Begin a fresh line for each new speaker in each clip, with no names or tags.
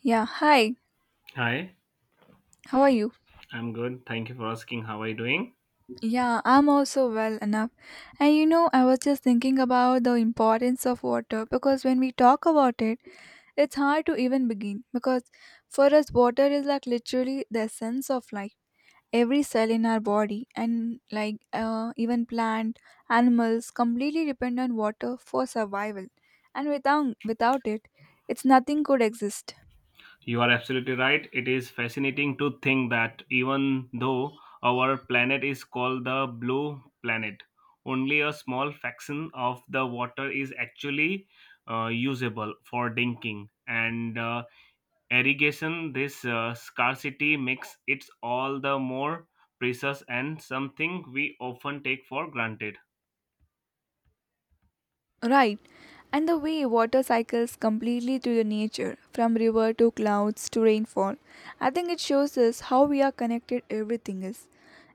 Yeah, hi.
Hi,
How are you?
I'm good. Thank you for asking. How are you doing?
Yeah, I'm also well enough. And you know, I was just thinking about the importance of water because when we talk about it, it's hard to even begin because for us, water is like literally the essence of life. Every cell in our body and like even plant, animals completely depend on water for survival. And without it, it's nothing could exist.
You are absolutely right. It is fascinating to think that even though our planet is called the blue planet, only a small fraction of the water is actually usable for drinking and irrigation. This scarcity makes it all the more precious and something we often take for granted.
Right. And the way water cycles completely through the nature, from river to clouds to rainfall, I think it shows us how we are connected everything is.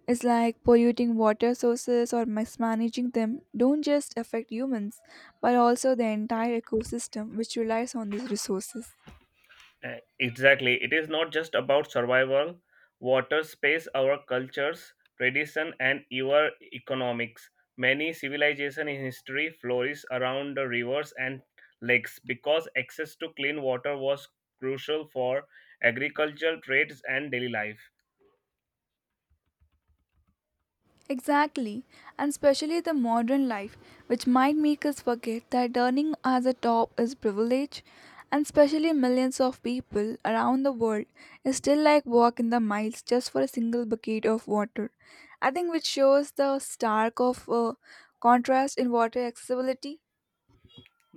It's like polluting water sources or mismanaging them don't just affect humans, but also the entire ecosystem which relies on these resources.
Exactly. It is not just about survival. Water, space, our cultures, tradition, and even economics. Many civilizations in history flourished around the rivers and lakes because access to clean water was crucial for agricultural trades and daily life.
Exactly, and especially the modern life, which might make us forget that earning as a top is privilege, and especially millions of people around the world is still like walking the miles just for a single bucket of water. I think which shows the stark of contrast in water accessibility.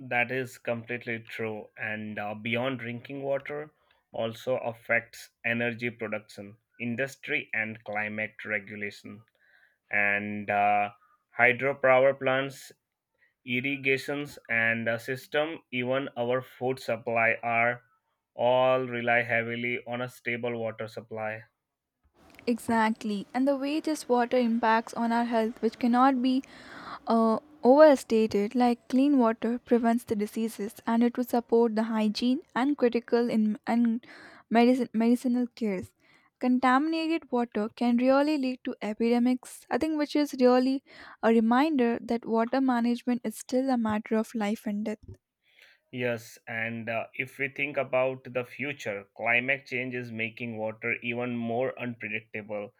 That is completely true. And beyond drinking water, also affects energy production, industry, and climate regulation. And hydropower plants, irrigations, and system, even our food supply are all rely heavily on a stable water supply.
Exactly, and the way this water impacts on our health, which cannot be uh, overstated like clean water prevents the diseases and it would support the hygiene and critical in and medicinal cares contaminated water can really lead to epidemics. I think which is really a reminder that water management is still a matter of life and death.
Yes, and if we think about the future, climate change is making water even more unpredictable.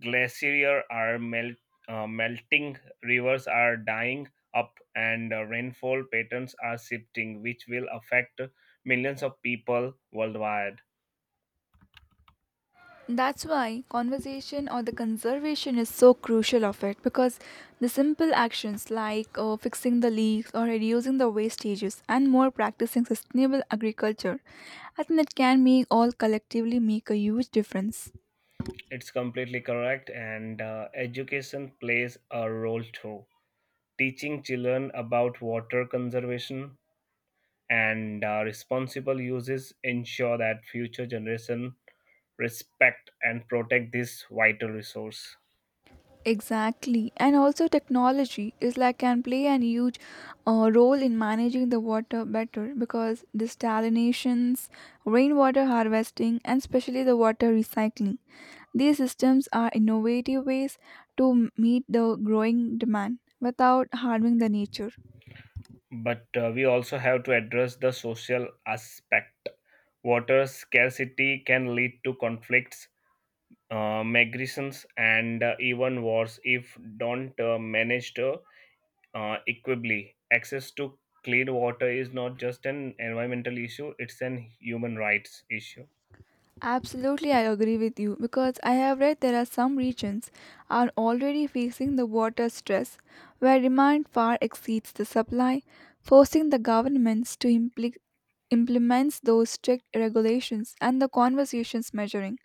Glaciers are melting, rivers are dying up, and rainfall patterns are shifting, which will affect millions of people worldwide.
That's why conversation or the conservation is so crucial of it because the simple actions like fixing the leaks or reducing the wastages and more practicing sustainable agriculture, I think that can make all collectively make a huge difference.
It's completely correct, and education plays a role too. Teaching children about water conservation and responsible uses ensure that future generation respect and protect this vital resource.
Exactly, and also technology is like can play a huge role in managing the water better because desalinations, rainwater harvesting, and especially the water recycling. These systems are innovative ways to meet the growing demand without harming the nature.
But we also have to address the social aspect. Water scarcity can lead to conflicts, migrations, and even wars if don't managed, equably. Access to clean water is not just an environmental issue; it's an human rights issue.
Absolutely, I agree with you because I have read there are some regions are already facing the water stress where demand far exceeds the supply, forcing the governments to implement those strict regulations and the conversations measuring.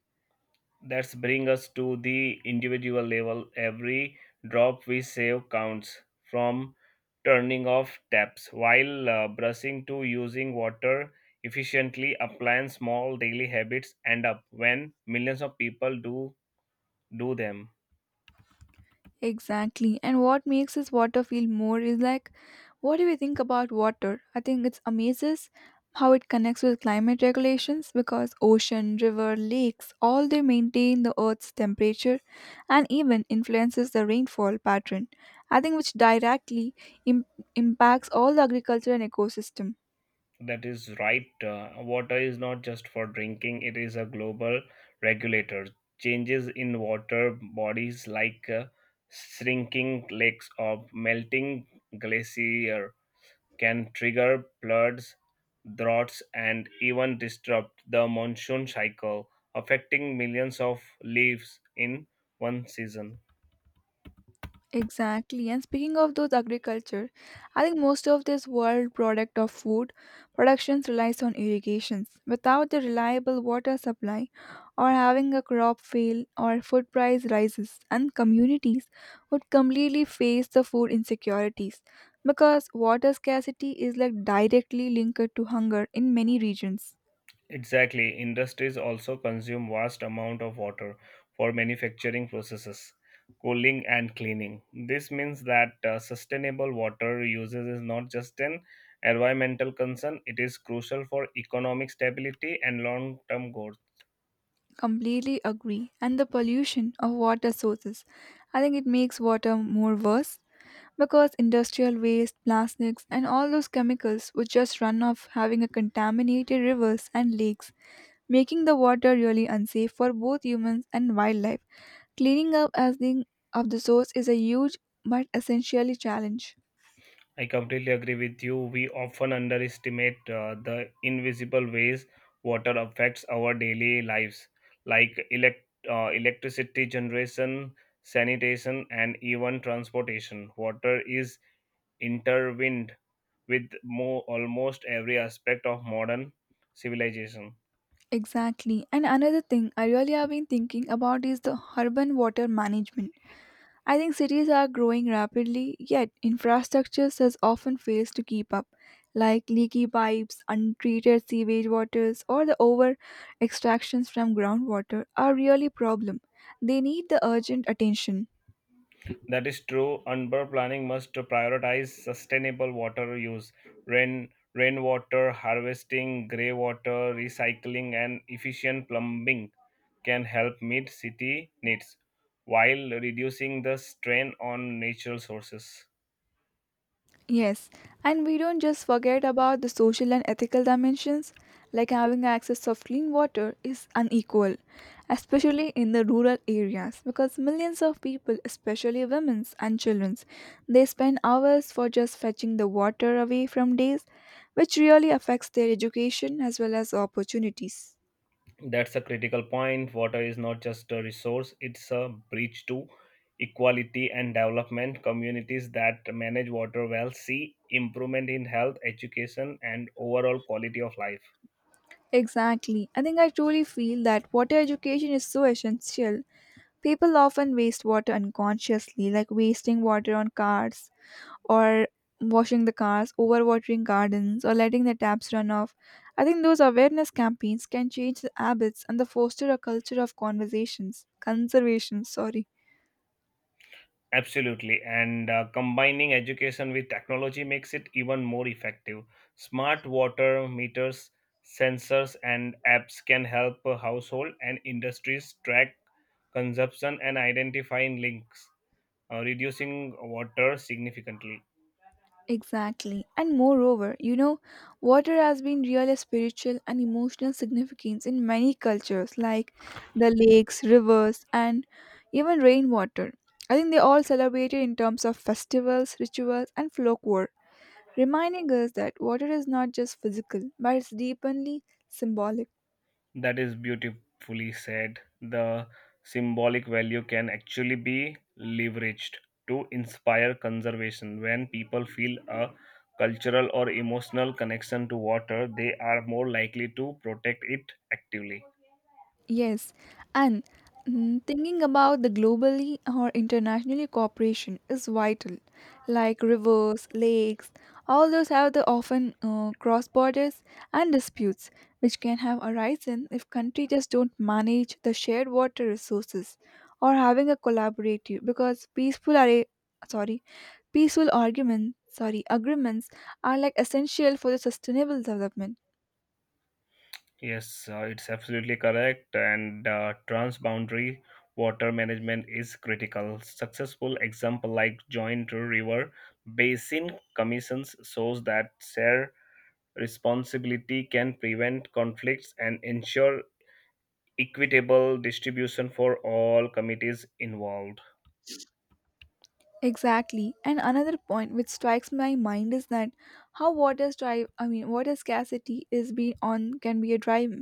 That's bring us to the individual level. Every drop we save counts. From turning off taps while brushing to using water efficiently, applying small daily habits end up when millions of people do them.
Exactly. And what makes this water feel more is like, what do we think about water? I think it's amazes how it connects with climate regulations because ocean, river, lakes, all they maintain the earth's temperature and even influences the rainfall pattern. I think which directly im- impacts all the agriculture and ecosystem.
That is right. Water is not just for drinking, it is a global regulator. Changes in water bodies like shrinking lakes or melting glacier can trigger floods, droughts, and even disrupt the monsoon cycle, affecting millions of lives in one season.
Exactly. And speaking of those agriculture, I think most of this world product of food productions relies on irrigations. Without the reliable water supply or having a crop fail or food price rises and communities would completely face the food insecurities because water scarcity is like directly linked to hunger in many regions.
Exactly. Industries also consume vast amount of water for manufacturing processes, cooling and cleaning. This means that sustainable water usage is not just an environmental concern, it is crucial for economic stability and long-term goals.
Completely agree. And the pollution of water sources. I think it makes water more worse because industrial waste, plastics, and all those chemicals would just run off, having a contaminated rivers and lakes, making the water really unsafe for both humans and wildlife. Cleaning up as the of the source is a huge but essentially challenge.
I completely agree with you. We often underestimate the invisible ways water affects our daily lives, like electricity generation, sanitation, and even transportation. Water is intertwined with almost every aspect of modern civilization.
Exactly. And another thing I really have been thinking about is the urban water management. I think cities are growing rapidly, yet infrastructures has often fails to keep up, like leaky pipes, untreated sewage waters, or the over extractions from groundwater are really problem. They need the urgent attention.
That is true. Urban planning must prioritize sustainable water use, rainwater harvesting, grey water recycling, and efficient plumbing can help meet city needs while reducing the strain on natural sources.
Yes, and we don't just forget about the social and ethical dimensions, like having access of clean water is unequal, especially in the rural areas, because millions of people, especially women's and children's, they spend hours for just fetching the water away from days, which really affects their education as well as opportunities.
That's a critical point. Water is not just a resource, it's a bridge to equality and development. Communities that manage water well see improvement in health, education, and overall quality of life.
Exactly. I think I truly feel that water education is so essential. People often waste water unconsciously, like wasting water on cars or washing the cars, overwatering gardens, or letting the taps run off. I think those awareness campaigns can change the habits and the foster a culture of conservation, sorry.
Absolutely. And combining education with technology makes it even more effective. Smart water meters, sensors, and apps can help a household and industries track consumption and identifying links, reducing water significantly.
Exactly. And moreover, you know, water has been really spiritual and emotional significance in many cultures like the lakes, rivers, and even rainwater. I think they all celebrated in terms of festivals, rituals, and folklore, reminding us that water is not just physical but it's deeply symbolic.
That is beautifully said. The symbolic value can actually be leveraged to inspire conservation. When people feel a cultural or emotional connection to water, they are more likely to protect it actively.
Yes, and thinking about the globally or internationally cooperation is vital. Like rivers, lakes, all those have the often cross borders and disputes which can have arisen if countries just don't manage the shared water resources or having a collaborative because sorry peaceful arguments sorry agreements are like essential for the sustainable development.
Yes, it's absolutely correct. And transboundary water management is critical. Successful example like joint river basin commissions shows that share responsibility can prevent conflicts and ensure equitable distribution for all committees involved.
Exactly. And another point which strikes my mind is that how water strive I mean water scarcity is being on can be a drive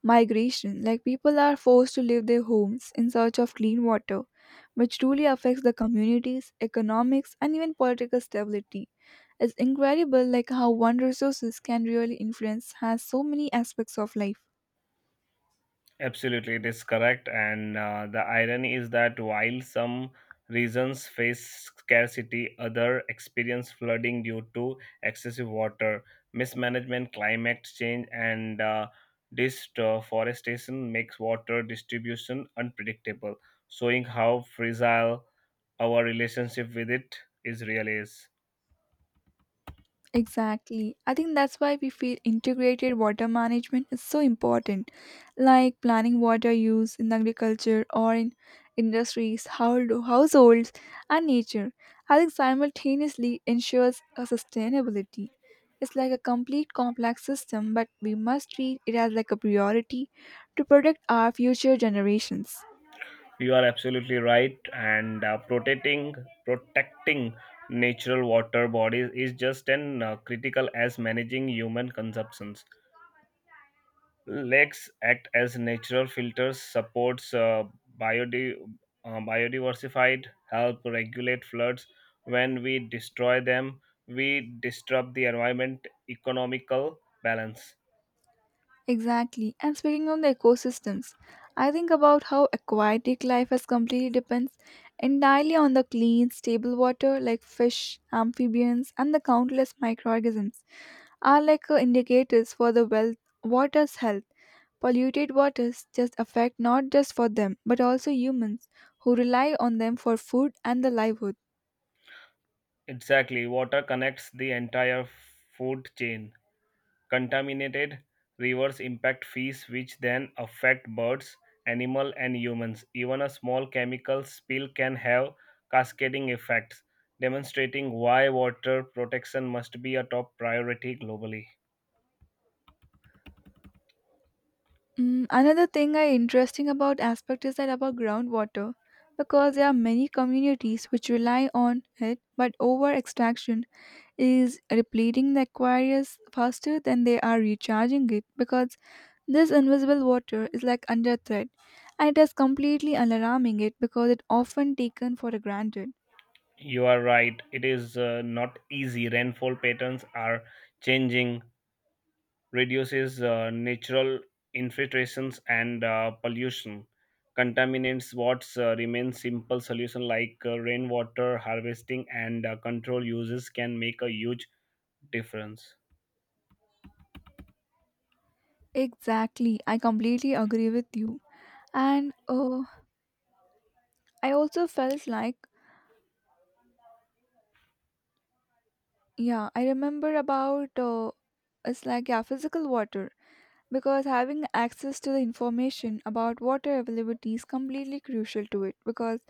migration. Like people are forced to leave their homes in search of clean water, which truly affects the communities, economics and even political stability. It's incredible like how one resources can really influence has so many aspects of life.
Absolutely, it is correct. And the irony is that while some regions face scarcity, other experience flooding due to excessive water mismanagement, climate change, and deforestation makes water distribution unpredictable, showing how fragile our relationship with it is really is.
Exactly. I think that's why we feel integrated water management is so important, like planning water use in agriculture or in industries, households, and nature. I think simultaneously ensures a sustainability. It's like a complete complex system, but we must treat it as like a priority to protect our future generations.
You are absolutely right, and protecting natural water bodies is just as critical as managing human consumptions. Lakes act as natural filters, supports biodi- biodiversified, help regulate floods. When we destroy them, we disrupt the environment economical balance.
Exactly. And speaking on the ecosystems, I think about how aquatic life has completely depends entirely on the clean, stable water like fish, amphibians, and the countless microorganisms are like indicators for the water's health. Polluted waters just affect not just for them but also humans who rely on them for food and the livelihood.
Exactly, water connects the entire food chain. Contaminated rivers impact fish, which then affect birds, animals, and humans. Even a small chemical spill can have cascading effects, demonstrating why water protection must be a top priority globally.
Mm, another thing I interesting about aspect is that about groundwater, because there are many communities which rely on it, but over extraction is repleting the aquarius faster than they are recharging it because this invisible water is like under threat, and it is completely alarming it because it often taken for granted.
You are right, it is not easy. Rainfall patterns are changing, reduces natural infiltrations and pollution. Contaminants what's remain simple solution like rainwater harvesting and control uses can make a huge difference.
Exactly, I completely agree with you, and I also felt like yeah, I remember about it's like yeah, physical water because having access to the information about water availability is completely crucial to it because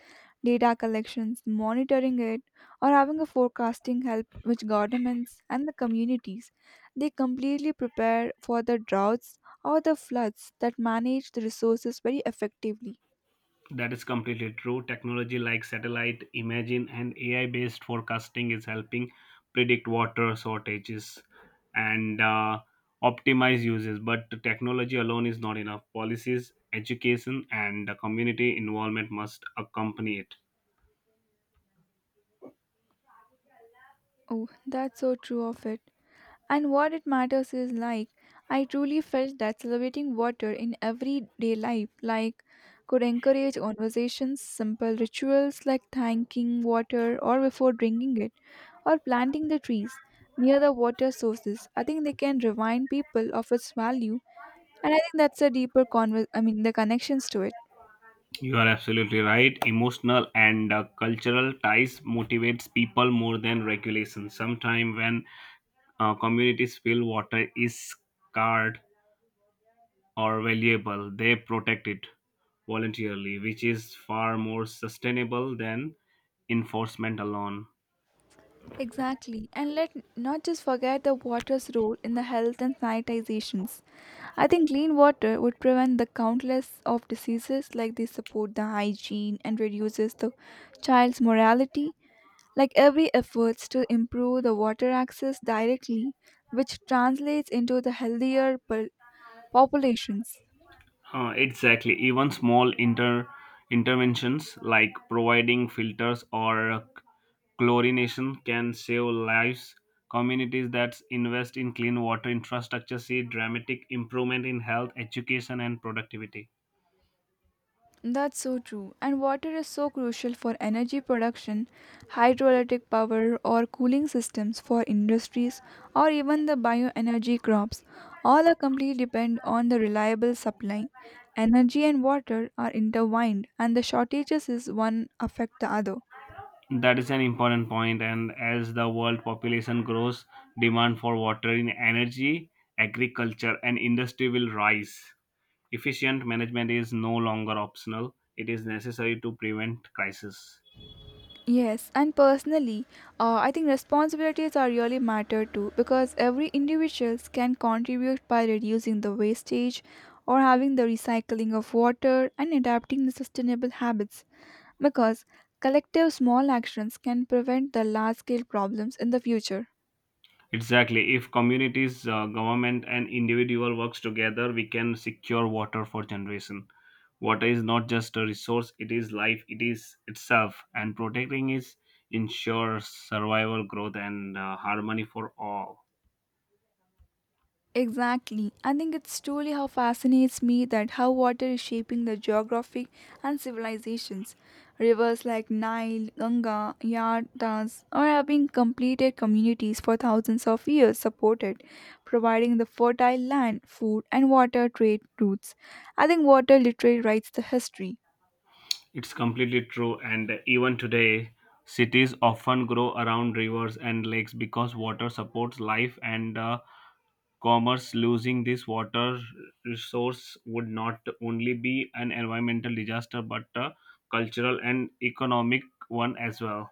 data collections, monitoring it, or having a forecasting help which governments and the communities they completely prepare for the droughts or the floods that manage the resources very effectively.
That is completely true. Technology like satellite imaging and AI based forecasting is helping predict water shortages and optimize uses. But technology alone is not enough. Policies, education, and the community involvement must accompany it.
Oh, that's so true of it. And what it matters is like, I truly felt that celebrating water in everyday life, like, could encourage conversations, simple rituals like thanking water or before drinking it, or planting the trees near the water sources. I think they can remind people of its value, and I think that's a deeper I mean, the connections to it.
You are absolutely right. Emotional and cultural ties motivates people more than regulation. Sometimes when communities feel water is scarred or valuable, they protect it voluntarily, which is far more sustainable than enforcement alone.
Exactly, and let not just forget the water's role in the health and sanitizations. I think clean water would prevent the countless of diseases like they support the hygiene and reduces the child's morality. Like every efforts to improve the water access directly, which translates into the healthier populations.
Exactly. Even small interventions like providing filters or chlorination can save lives. Communities that invest in clean water infrastructure see dramatic improvement in health, education, and productivity.
That's so true. And water is so crucial for energy production, hydroelectric power, or cooling systems for industries, or even the bioenergy crops. All are completely depend on the reliable supply. Energy and water are intertwined, and the shortages is one affect the other.
That is an important point. And as the world population grows, demand for water in energy, agriculture, and industry will rise. Efficient management is no longer optional, it is necessary to prevent crisis.
Yes, and personally, I think responsibilities are really matter too because every individuals can contribute by reducing the wastage or having the recycling of water and adapting the sustainable habits because collective small actions can prevent the large scale problems in the future.
Exactly. If communities, government, and individual works together, we can secure water for generation. Water is not just a resource, it is life, it is itself, and protecting it ensures survival, growth, and harmony for all.
Exactly. I think it's truly how fascinates me that how water is shaping the geography and civilizations. Rivers like Nile, Ganga, Yardas are having completed communities for thousands of years supported, providing the fertile land, food and water trade routes. I think water literally writes the history.
It's completely true, and even today, cities often grow around rivers and lakes because water supports life and commerce. Losing this water resource would not only be an environmental disaster but a cultural and economic one as well.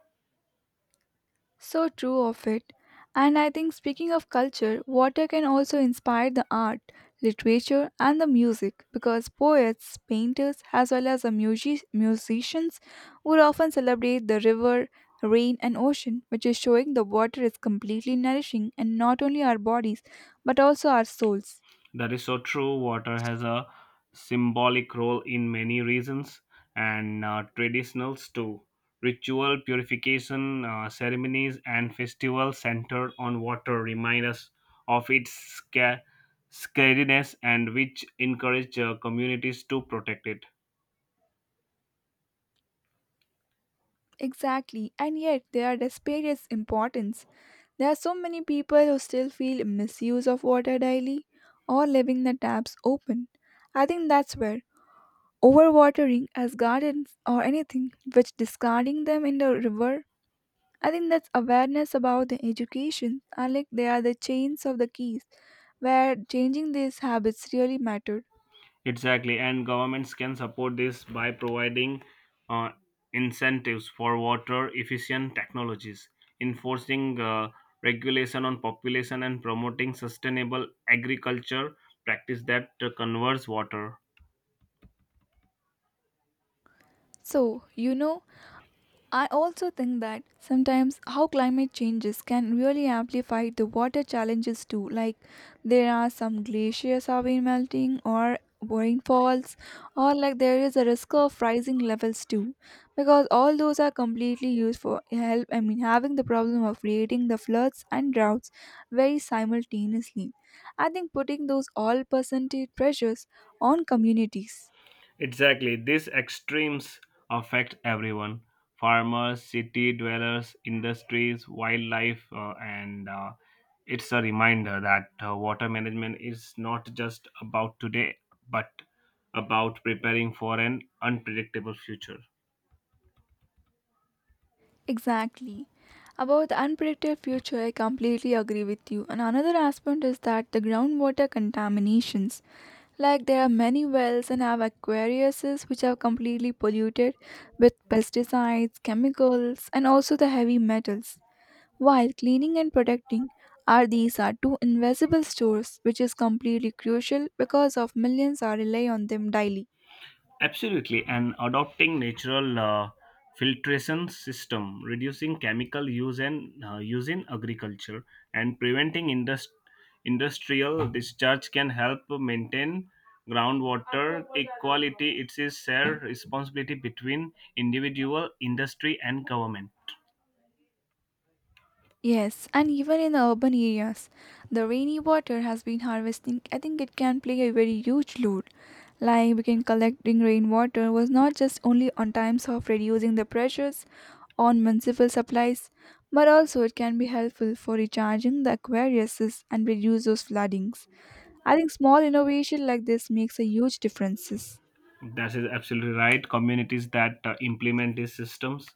So true of it. And I think, speaking of culture, water can also inspire the art, literature, and the music because poets, painters, as well as the musicians would often celebrate the river, rain, and ocean, which is showing the water is completely nourishing and not only our bodies but also our souls.
That is so true. Water has a symbolic role in many reasons and traditionals too. Ritual purification ceremonies and festivals centered on water remind us of its scariness and which encourage communities to protect it.
Exactly, and yet they are despite its importance there are so many people who still feel misuse of water daily or leaving the taps open. I think that's where overwatering as gardens or anything which discarding them in the river. I think that's awareness about the education I like they are the chains of the keys where changing these habits really mattered.
Exactly, and governments can support this by providing uh, incentives for water efficient technologies, enforcing regulation on population, and promoting sustainable agriculture practice that conserves water.
So, you know, I also think that sometimes how climate changes can really amplify the water challenges too. Like there are some glaciers have been melting or rainfalls or like there is a risk of rising levels too because all those are completely used for help, I mean having the problem of creating the floods and droughts very simultaneously. I think putting those all percentage pressures on communities.
Exactly. These extremes affect everyone: farmers, city dwellers, industries, wildlife, and it's a reminder that water management is not just about today, but about preparing for an unpredictable future.
Exactly. About the unpredictable future, I completely agree with you. And another aspect is that the groundwater contaminations. Like there are many wells and have aquariuses which are completely polluted with pesticides, chemicals, and also the heavy metals. While cleaning and protecting are these are two invisible stores which is completely crucial because of millions are rely on them daily.
Absolutely, and adopting natural filtration system, reducing chemical use and use in agriculture, and preventing industrial discharge can help maintain groundwater equality. It is shared responsibility between individual, industry, and government.
Yes, and even in the urban areas, the rainy water has been harvesting. I think it can play a very huge role. Like we can collecting rainwater was not just only on times of reducing the pressures on municipal supplies, but also it can be helpful for recharging the aquariuses and reduce those floodings. I think small innovation like this makes a huge differences.
That is absolutely right. Communities that implement these systems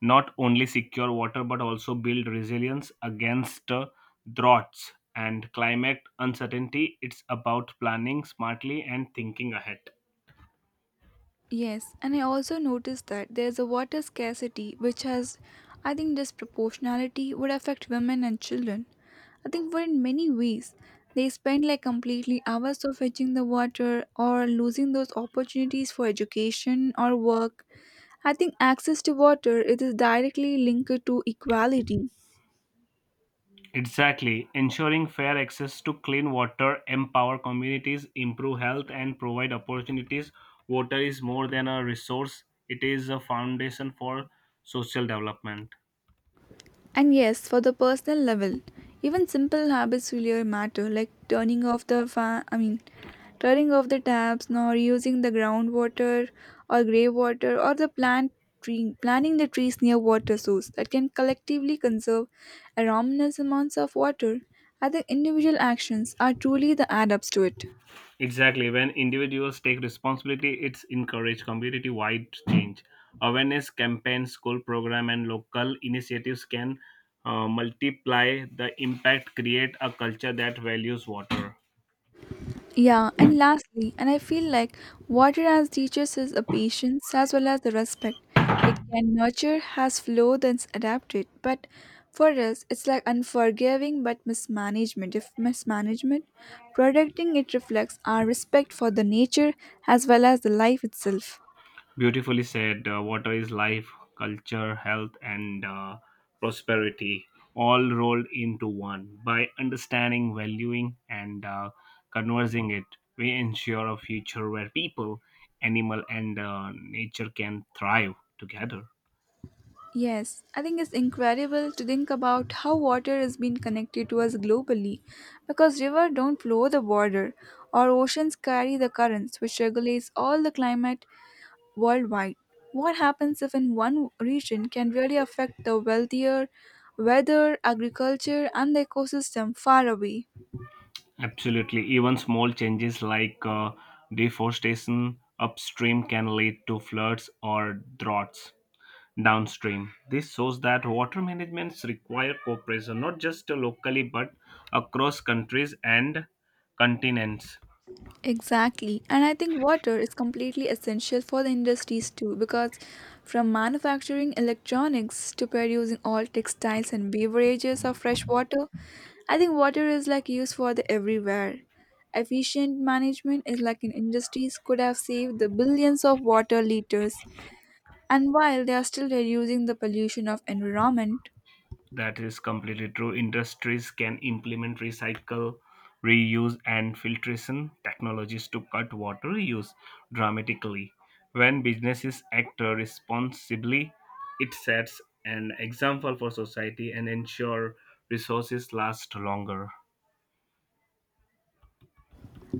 not only secure water but also build resilience against droughts and climate uncertainty. It's about planning smartly and thinking ahead.
Yes, and I also noticed that there's a water scarcity which has, I think, disproportionality would affect women and children. I think, for in many ways, they spend like completely hours of fetching the water or losing those opportunities for education or work. I think access to water it is directly linked to equality.
Exactly. Ensuring fair access to clean water, empower communities, improve health, and provide opportunities. Water is more than a resource, it is a foundation for social development.
And yes, for the personal level, even simple habits really matter, like turning off the fan, I mean, turning off the taps, nor using the groundwater or grey water, or the plant tree, planting the trees near water source that can collectively conserve enormous amounts of water. I think individual actions are truly the add ups to it.
Exactly. When individuals take responsibility, it's encourage community-wide change. Awareness campaigns, school program, and local initiatives can multiply the impact. Create a culture that values water.
Yeah, and lastly, and I feel like what it has teaches is a patience as well as the respect. It can nurture, has flow, then adapt it. But for us, it's like unforgiving but mismanagement. If mismanagement, protecting it reflects our respect for the nature as well as the life itself.
Beautifully said. Water is life, culture, health, and prosperity, all rolled into one. By understanding, valuing, and conversing it, we ensure a future where people, animal, and nature can thrive together.
Yes, I think it's incredible to think about how water has been connected to us globally because rivers don't flow the border or oceans carry the currents which regulates all the climate worldwide. What happens if in one region can really affect the wealthier weather, agriculture and the ecosystem far away?
Absolutely. Even small changes like deforestation upstream can lead to floods or droughts, downstream. This shows that water managements require cooperation not just locally but across countries and continents.
Exactly. And I think water is completely essential for the industries too, because from manufacturing electronics to producing all textiles and beverages of fresh water, I think water is like used for the everywhere. Efficient management is like in industries could have saved the billions of water liters and while they are still reducing the pollution of environment.
That is completely true. Industries can implement recycle, reuse, and filtration technologies to cut water use dramatically. When businesses act responsibly, it sets an example for society and ensure resources last longer.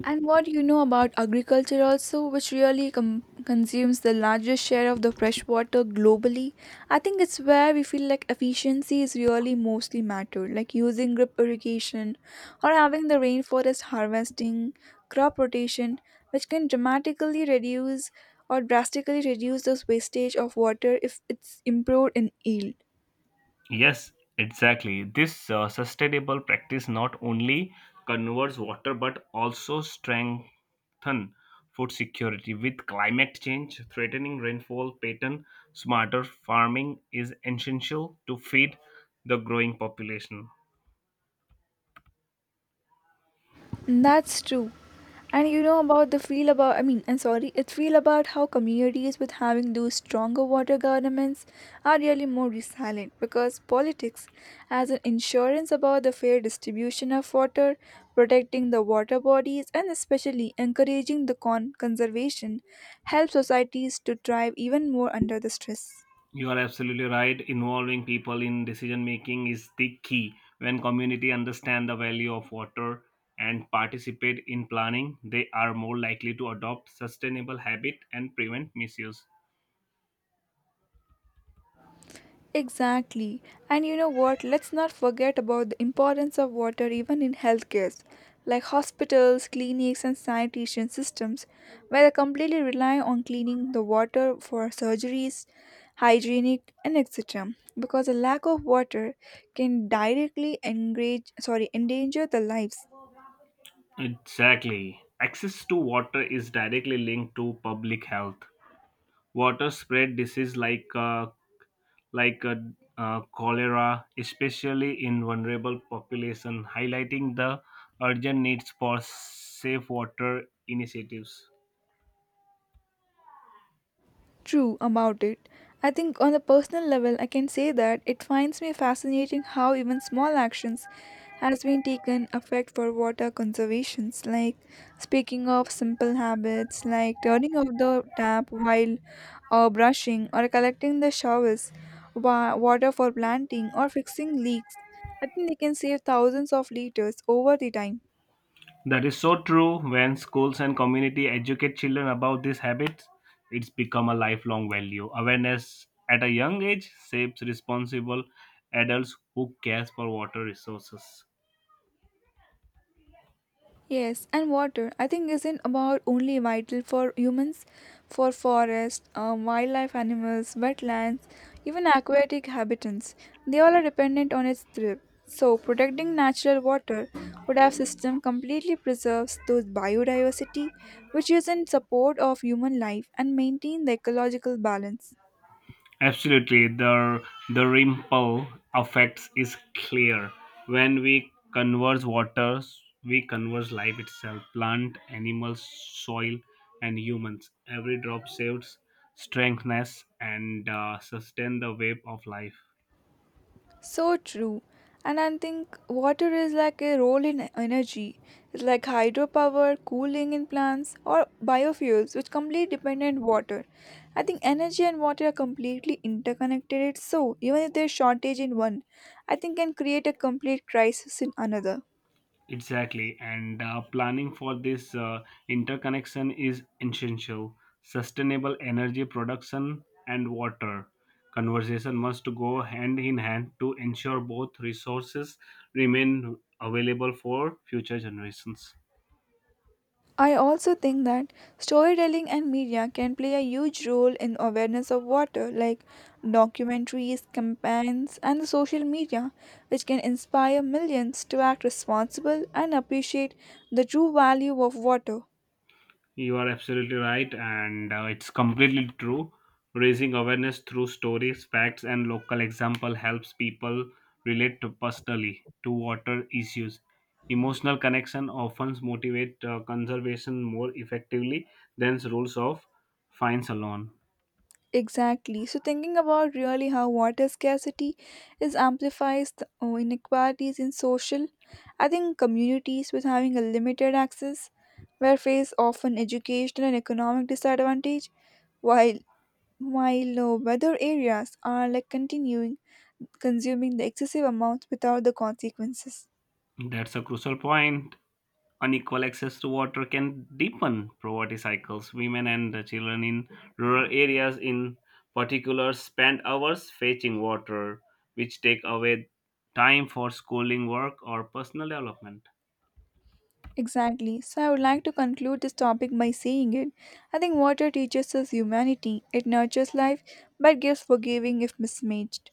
And what you know about agriculture also, which really consumes the largest share of the fresh water globally. I think it's where we feel like efficiency is really mostly mattered, like using drip irrigation or having the rainforest harvesting, crop rotation, which can dramatically reduce or drastically reduce the wastage of water if it's improved in yield.
Yes, exactly. This sustainable practice not only conserves water but also strengthen food security. With climate change threatening rainfall pattern, smarter farming is essential to feed the growing population.
That's true. And you know about the feel about, I mean, I'm sorry, it feel about how communities with having those stronger water governments are really more resilient because politics has an insurance about the fair distribution of water, protecting the water bodies and especially encouraging the conservation help societies to thrive even more under the stress.
You are absolutely right. Involving people in decision making is the key. When community understand the value of water and participate in planning, they are more likely to adopt sustainable habit and prevent misuse.
Exactly. And you know what? Let's not forget about the importance of water even in healthcare, like hospitals, clinics, and sanitation systems, where they completely rely on cleaning the water for surgeries, hygienic, and etc. Because a lack of water can directly engage, sorry, endanger the lives.
Exactly. Access to water is directly linked to public health. Water spread disease like cholera, especially in vulnerable population, highlighting the urgent needs for safe water initiatives.
True about it. I think on a personal level, I can say that it finds me fascinating how even small actions has been taken effect for water conservations. Like speaking of simple habits, like turning off the tap while brushing or collecting the showers, water for planting or fixing leaks. I think they can save thousands of liters over the time.
That is so true. When schools and community educate children about these habits, it's become a lifelong value. Awareness at a young age shapes responsible adults who care for water resources.
Yes, and water I think isn't about only vital for humans, for forest, wildlife animals, wetlands, even aquatic habitats. They all are dependent on its drip. So protecting natural water would have system completely preserves those biodiversity which is in support of human life and maintain the ecological balance.
Absolutely, the ripple effects is clear. When we converse water, we converse life itself, plant, animals, soil, and humans. Every drop saves strengthens, and sustain the wave of life.
So true. And I think water is like a role in energy. It's like hydropower, cooling in plants, or biofuels, which completely depend on water. I think energy and water are completely interconnected. So even if there's shortage in one, I think can create a complete crisis in another.
Exactly, and planning for this interconnection is essential. Sustainable energy production and water conservation must go hand in hand to ensure both resources remain available for future generations.
I also think that storytelling and media can play a huge role in awareness of water, like documentaries, campaigns, and the social media, which can inspire millions to act responsible and appreciate the true value of water.
You are absolutely right, and it's completely true. Raising awareness through stories, facts, and local example helps people relate to personally to water issues. Emotional connection often motivate conservation more effectively than rules of fines alone.
Exactly. So thinking about really how water scarcity is amplifies the inequalities in social, I think communities with having a limited access where face often educational and economic disadvantage while while weather areas are like continuing consuming the excessive amounts without the consequences.
That's a crucial point. Unequal access to water can deepen poverty cycles. Women and the children in rural areas, in particular, spend hours fetching water, which take away time for schooling, work, or personal development.
Exactly. So I would like to conclude this topic by saying it. I think water teaches us humanity. It nurtures life but gives forgiving if mismanaged.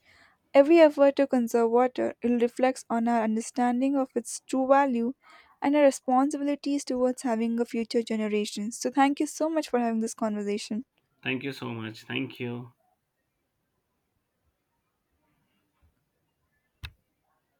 Every effort to conserve water will reflect on our understanding of its true value and our responsibilities towards having a future generation. So thank you so much for having this conversation.
Thank you so much. Thank you.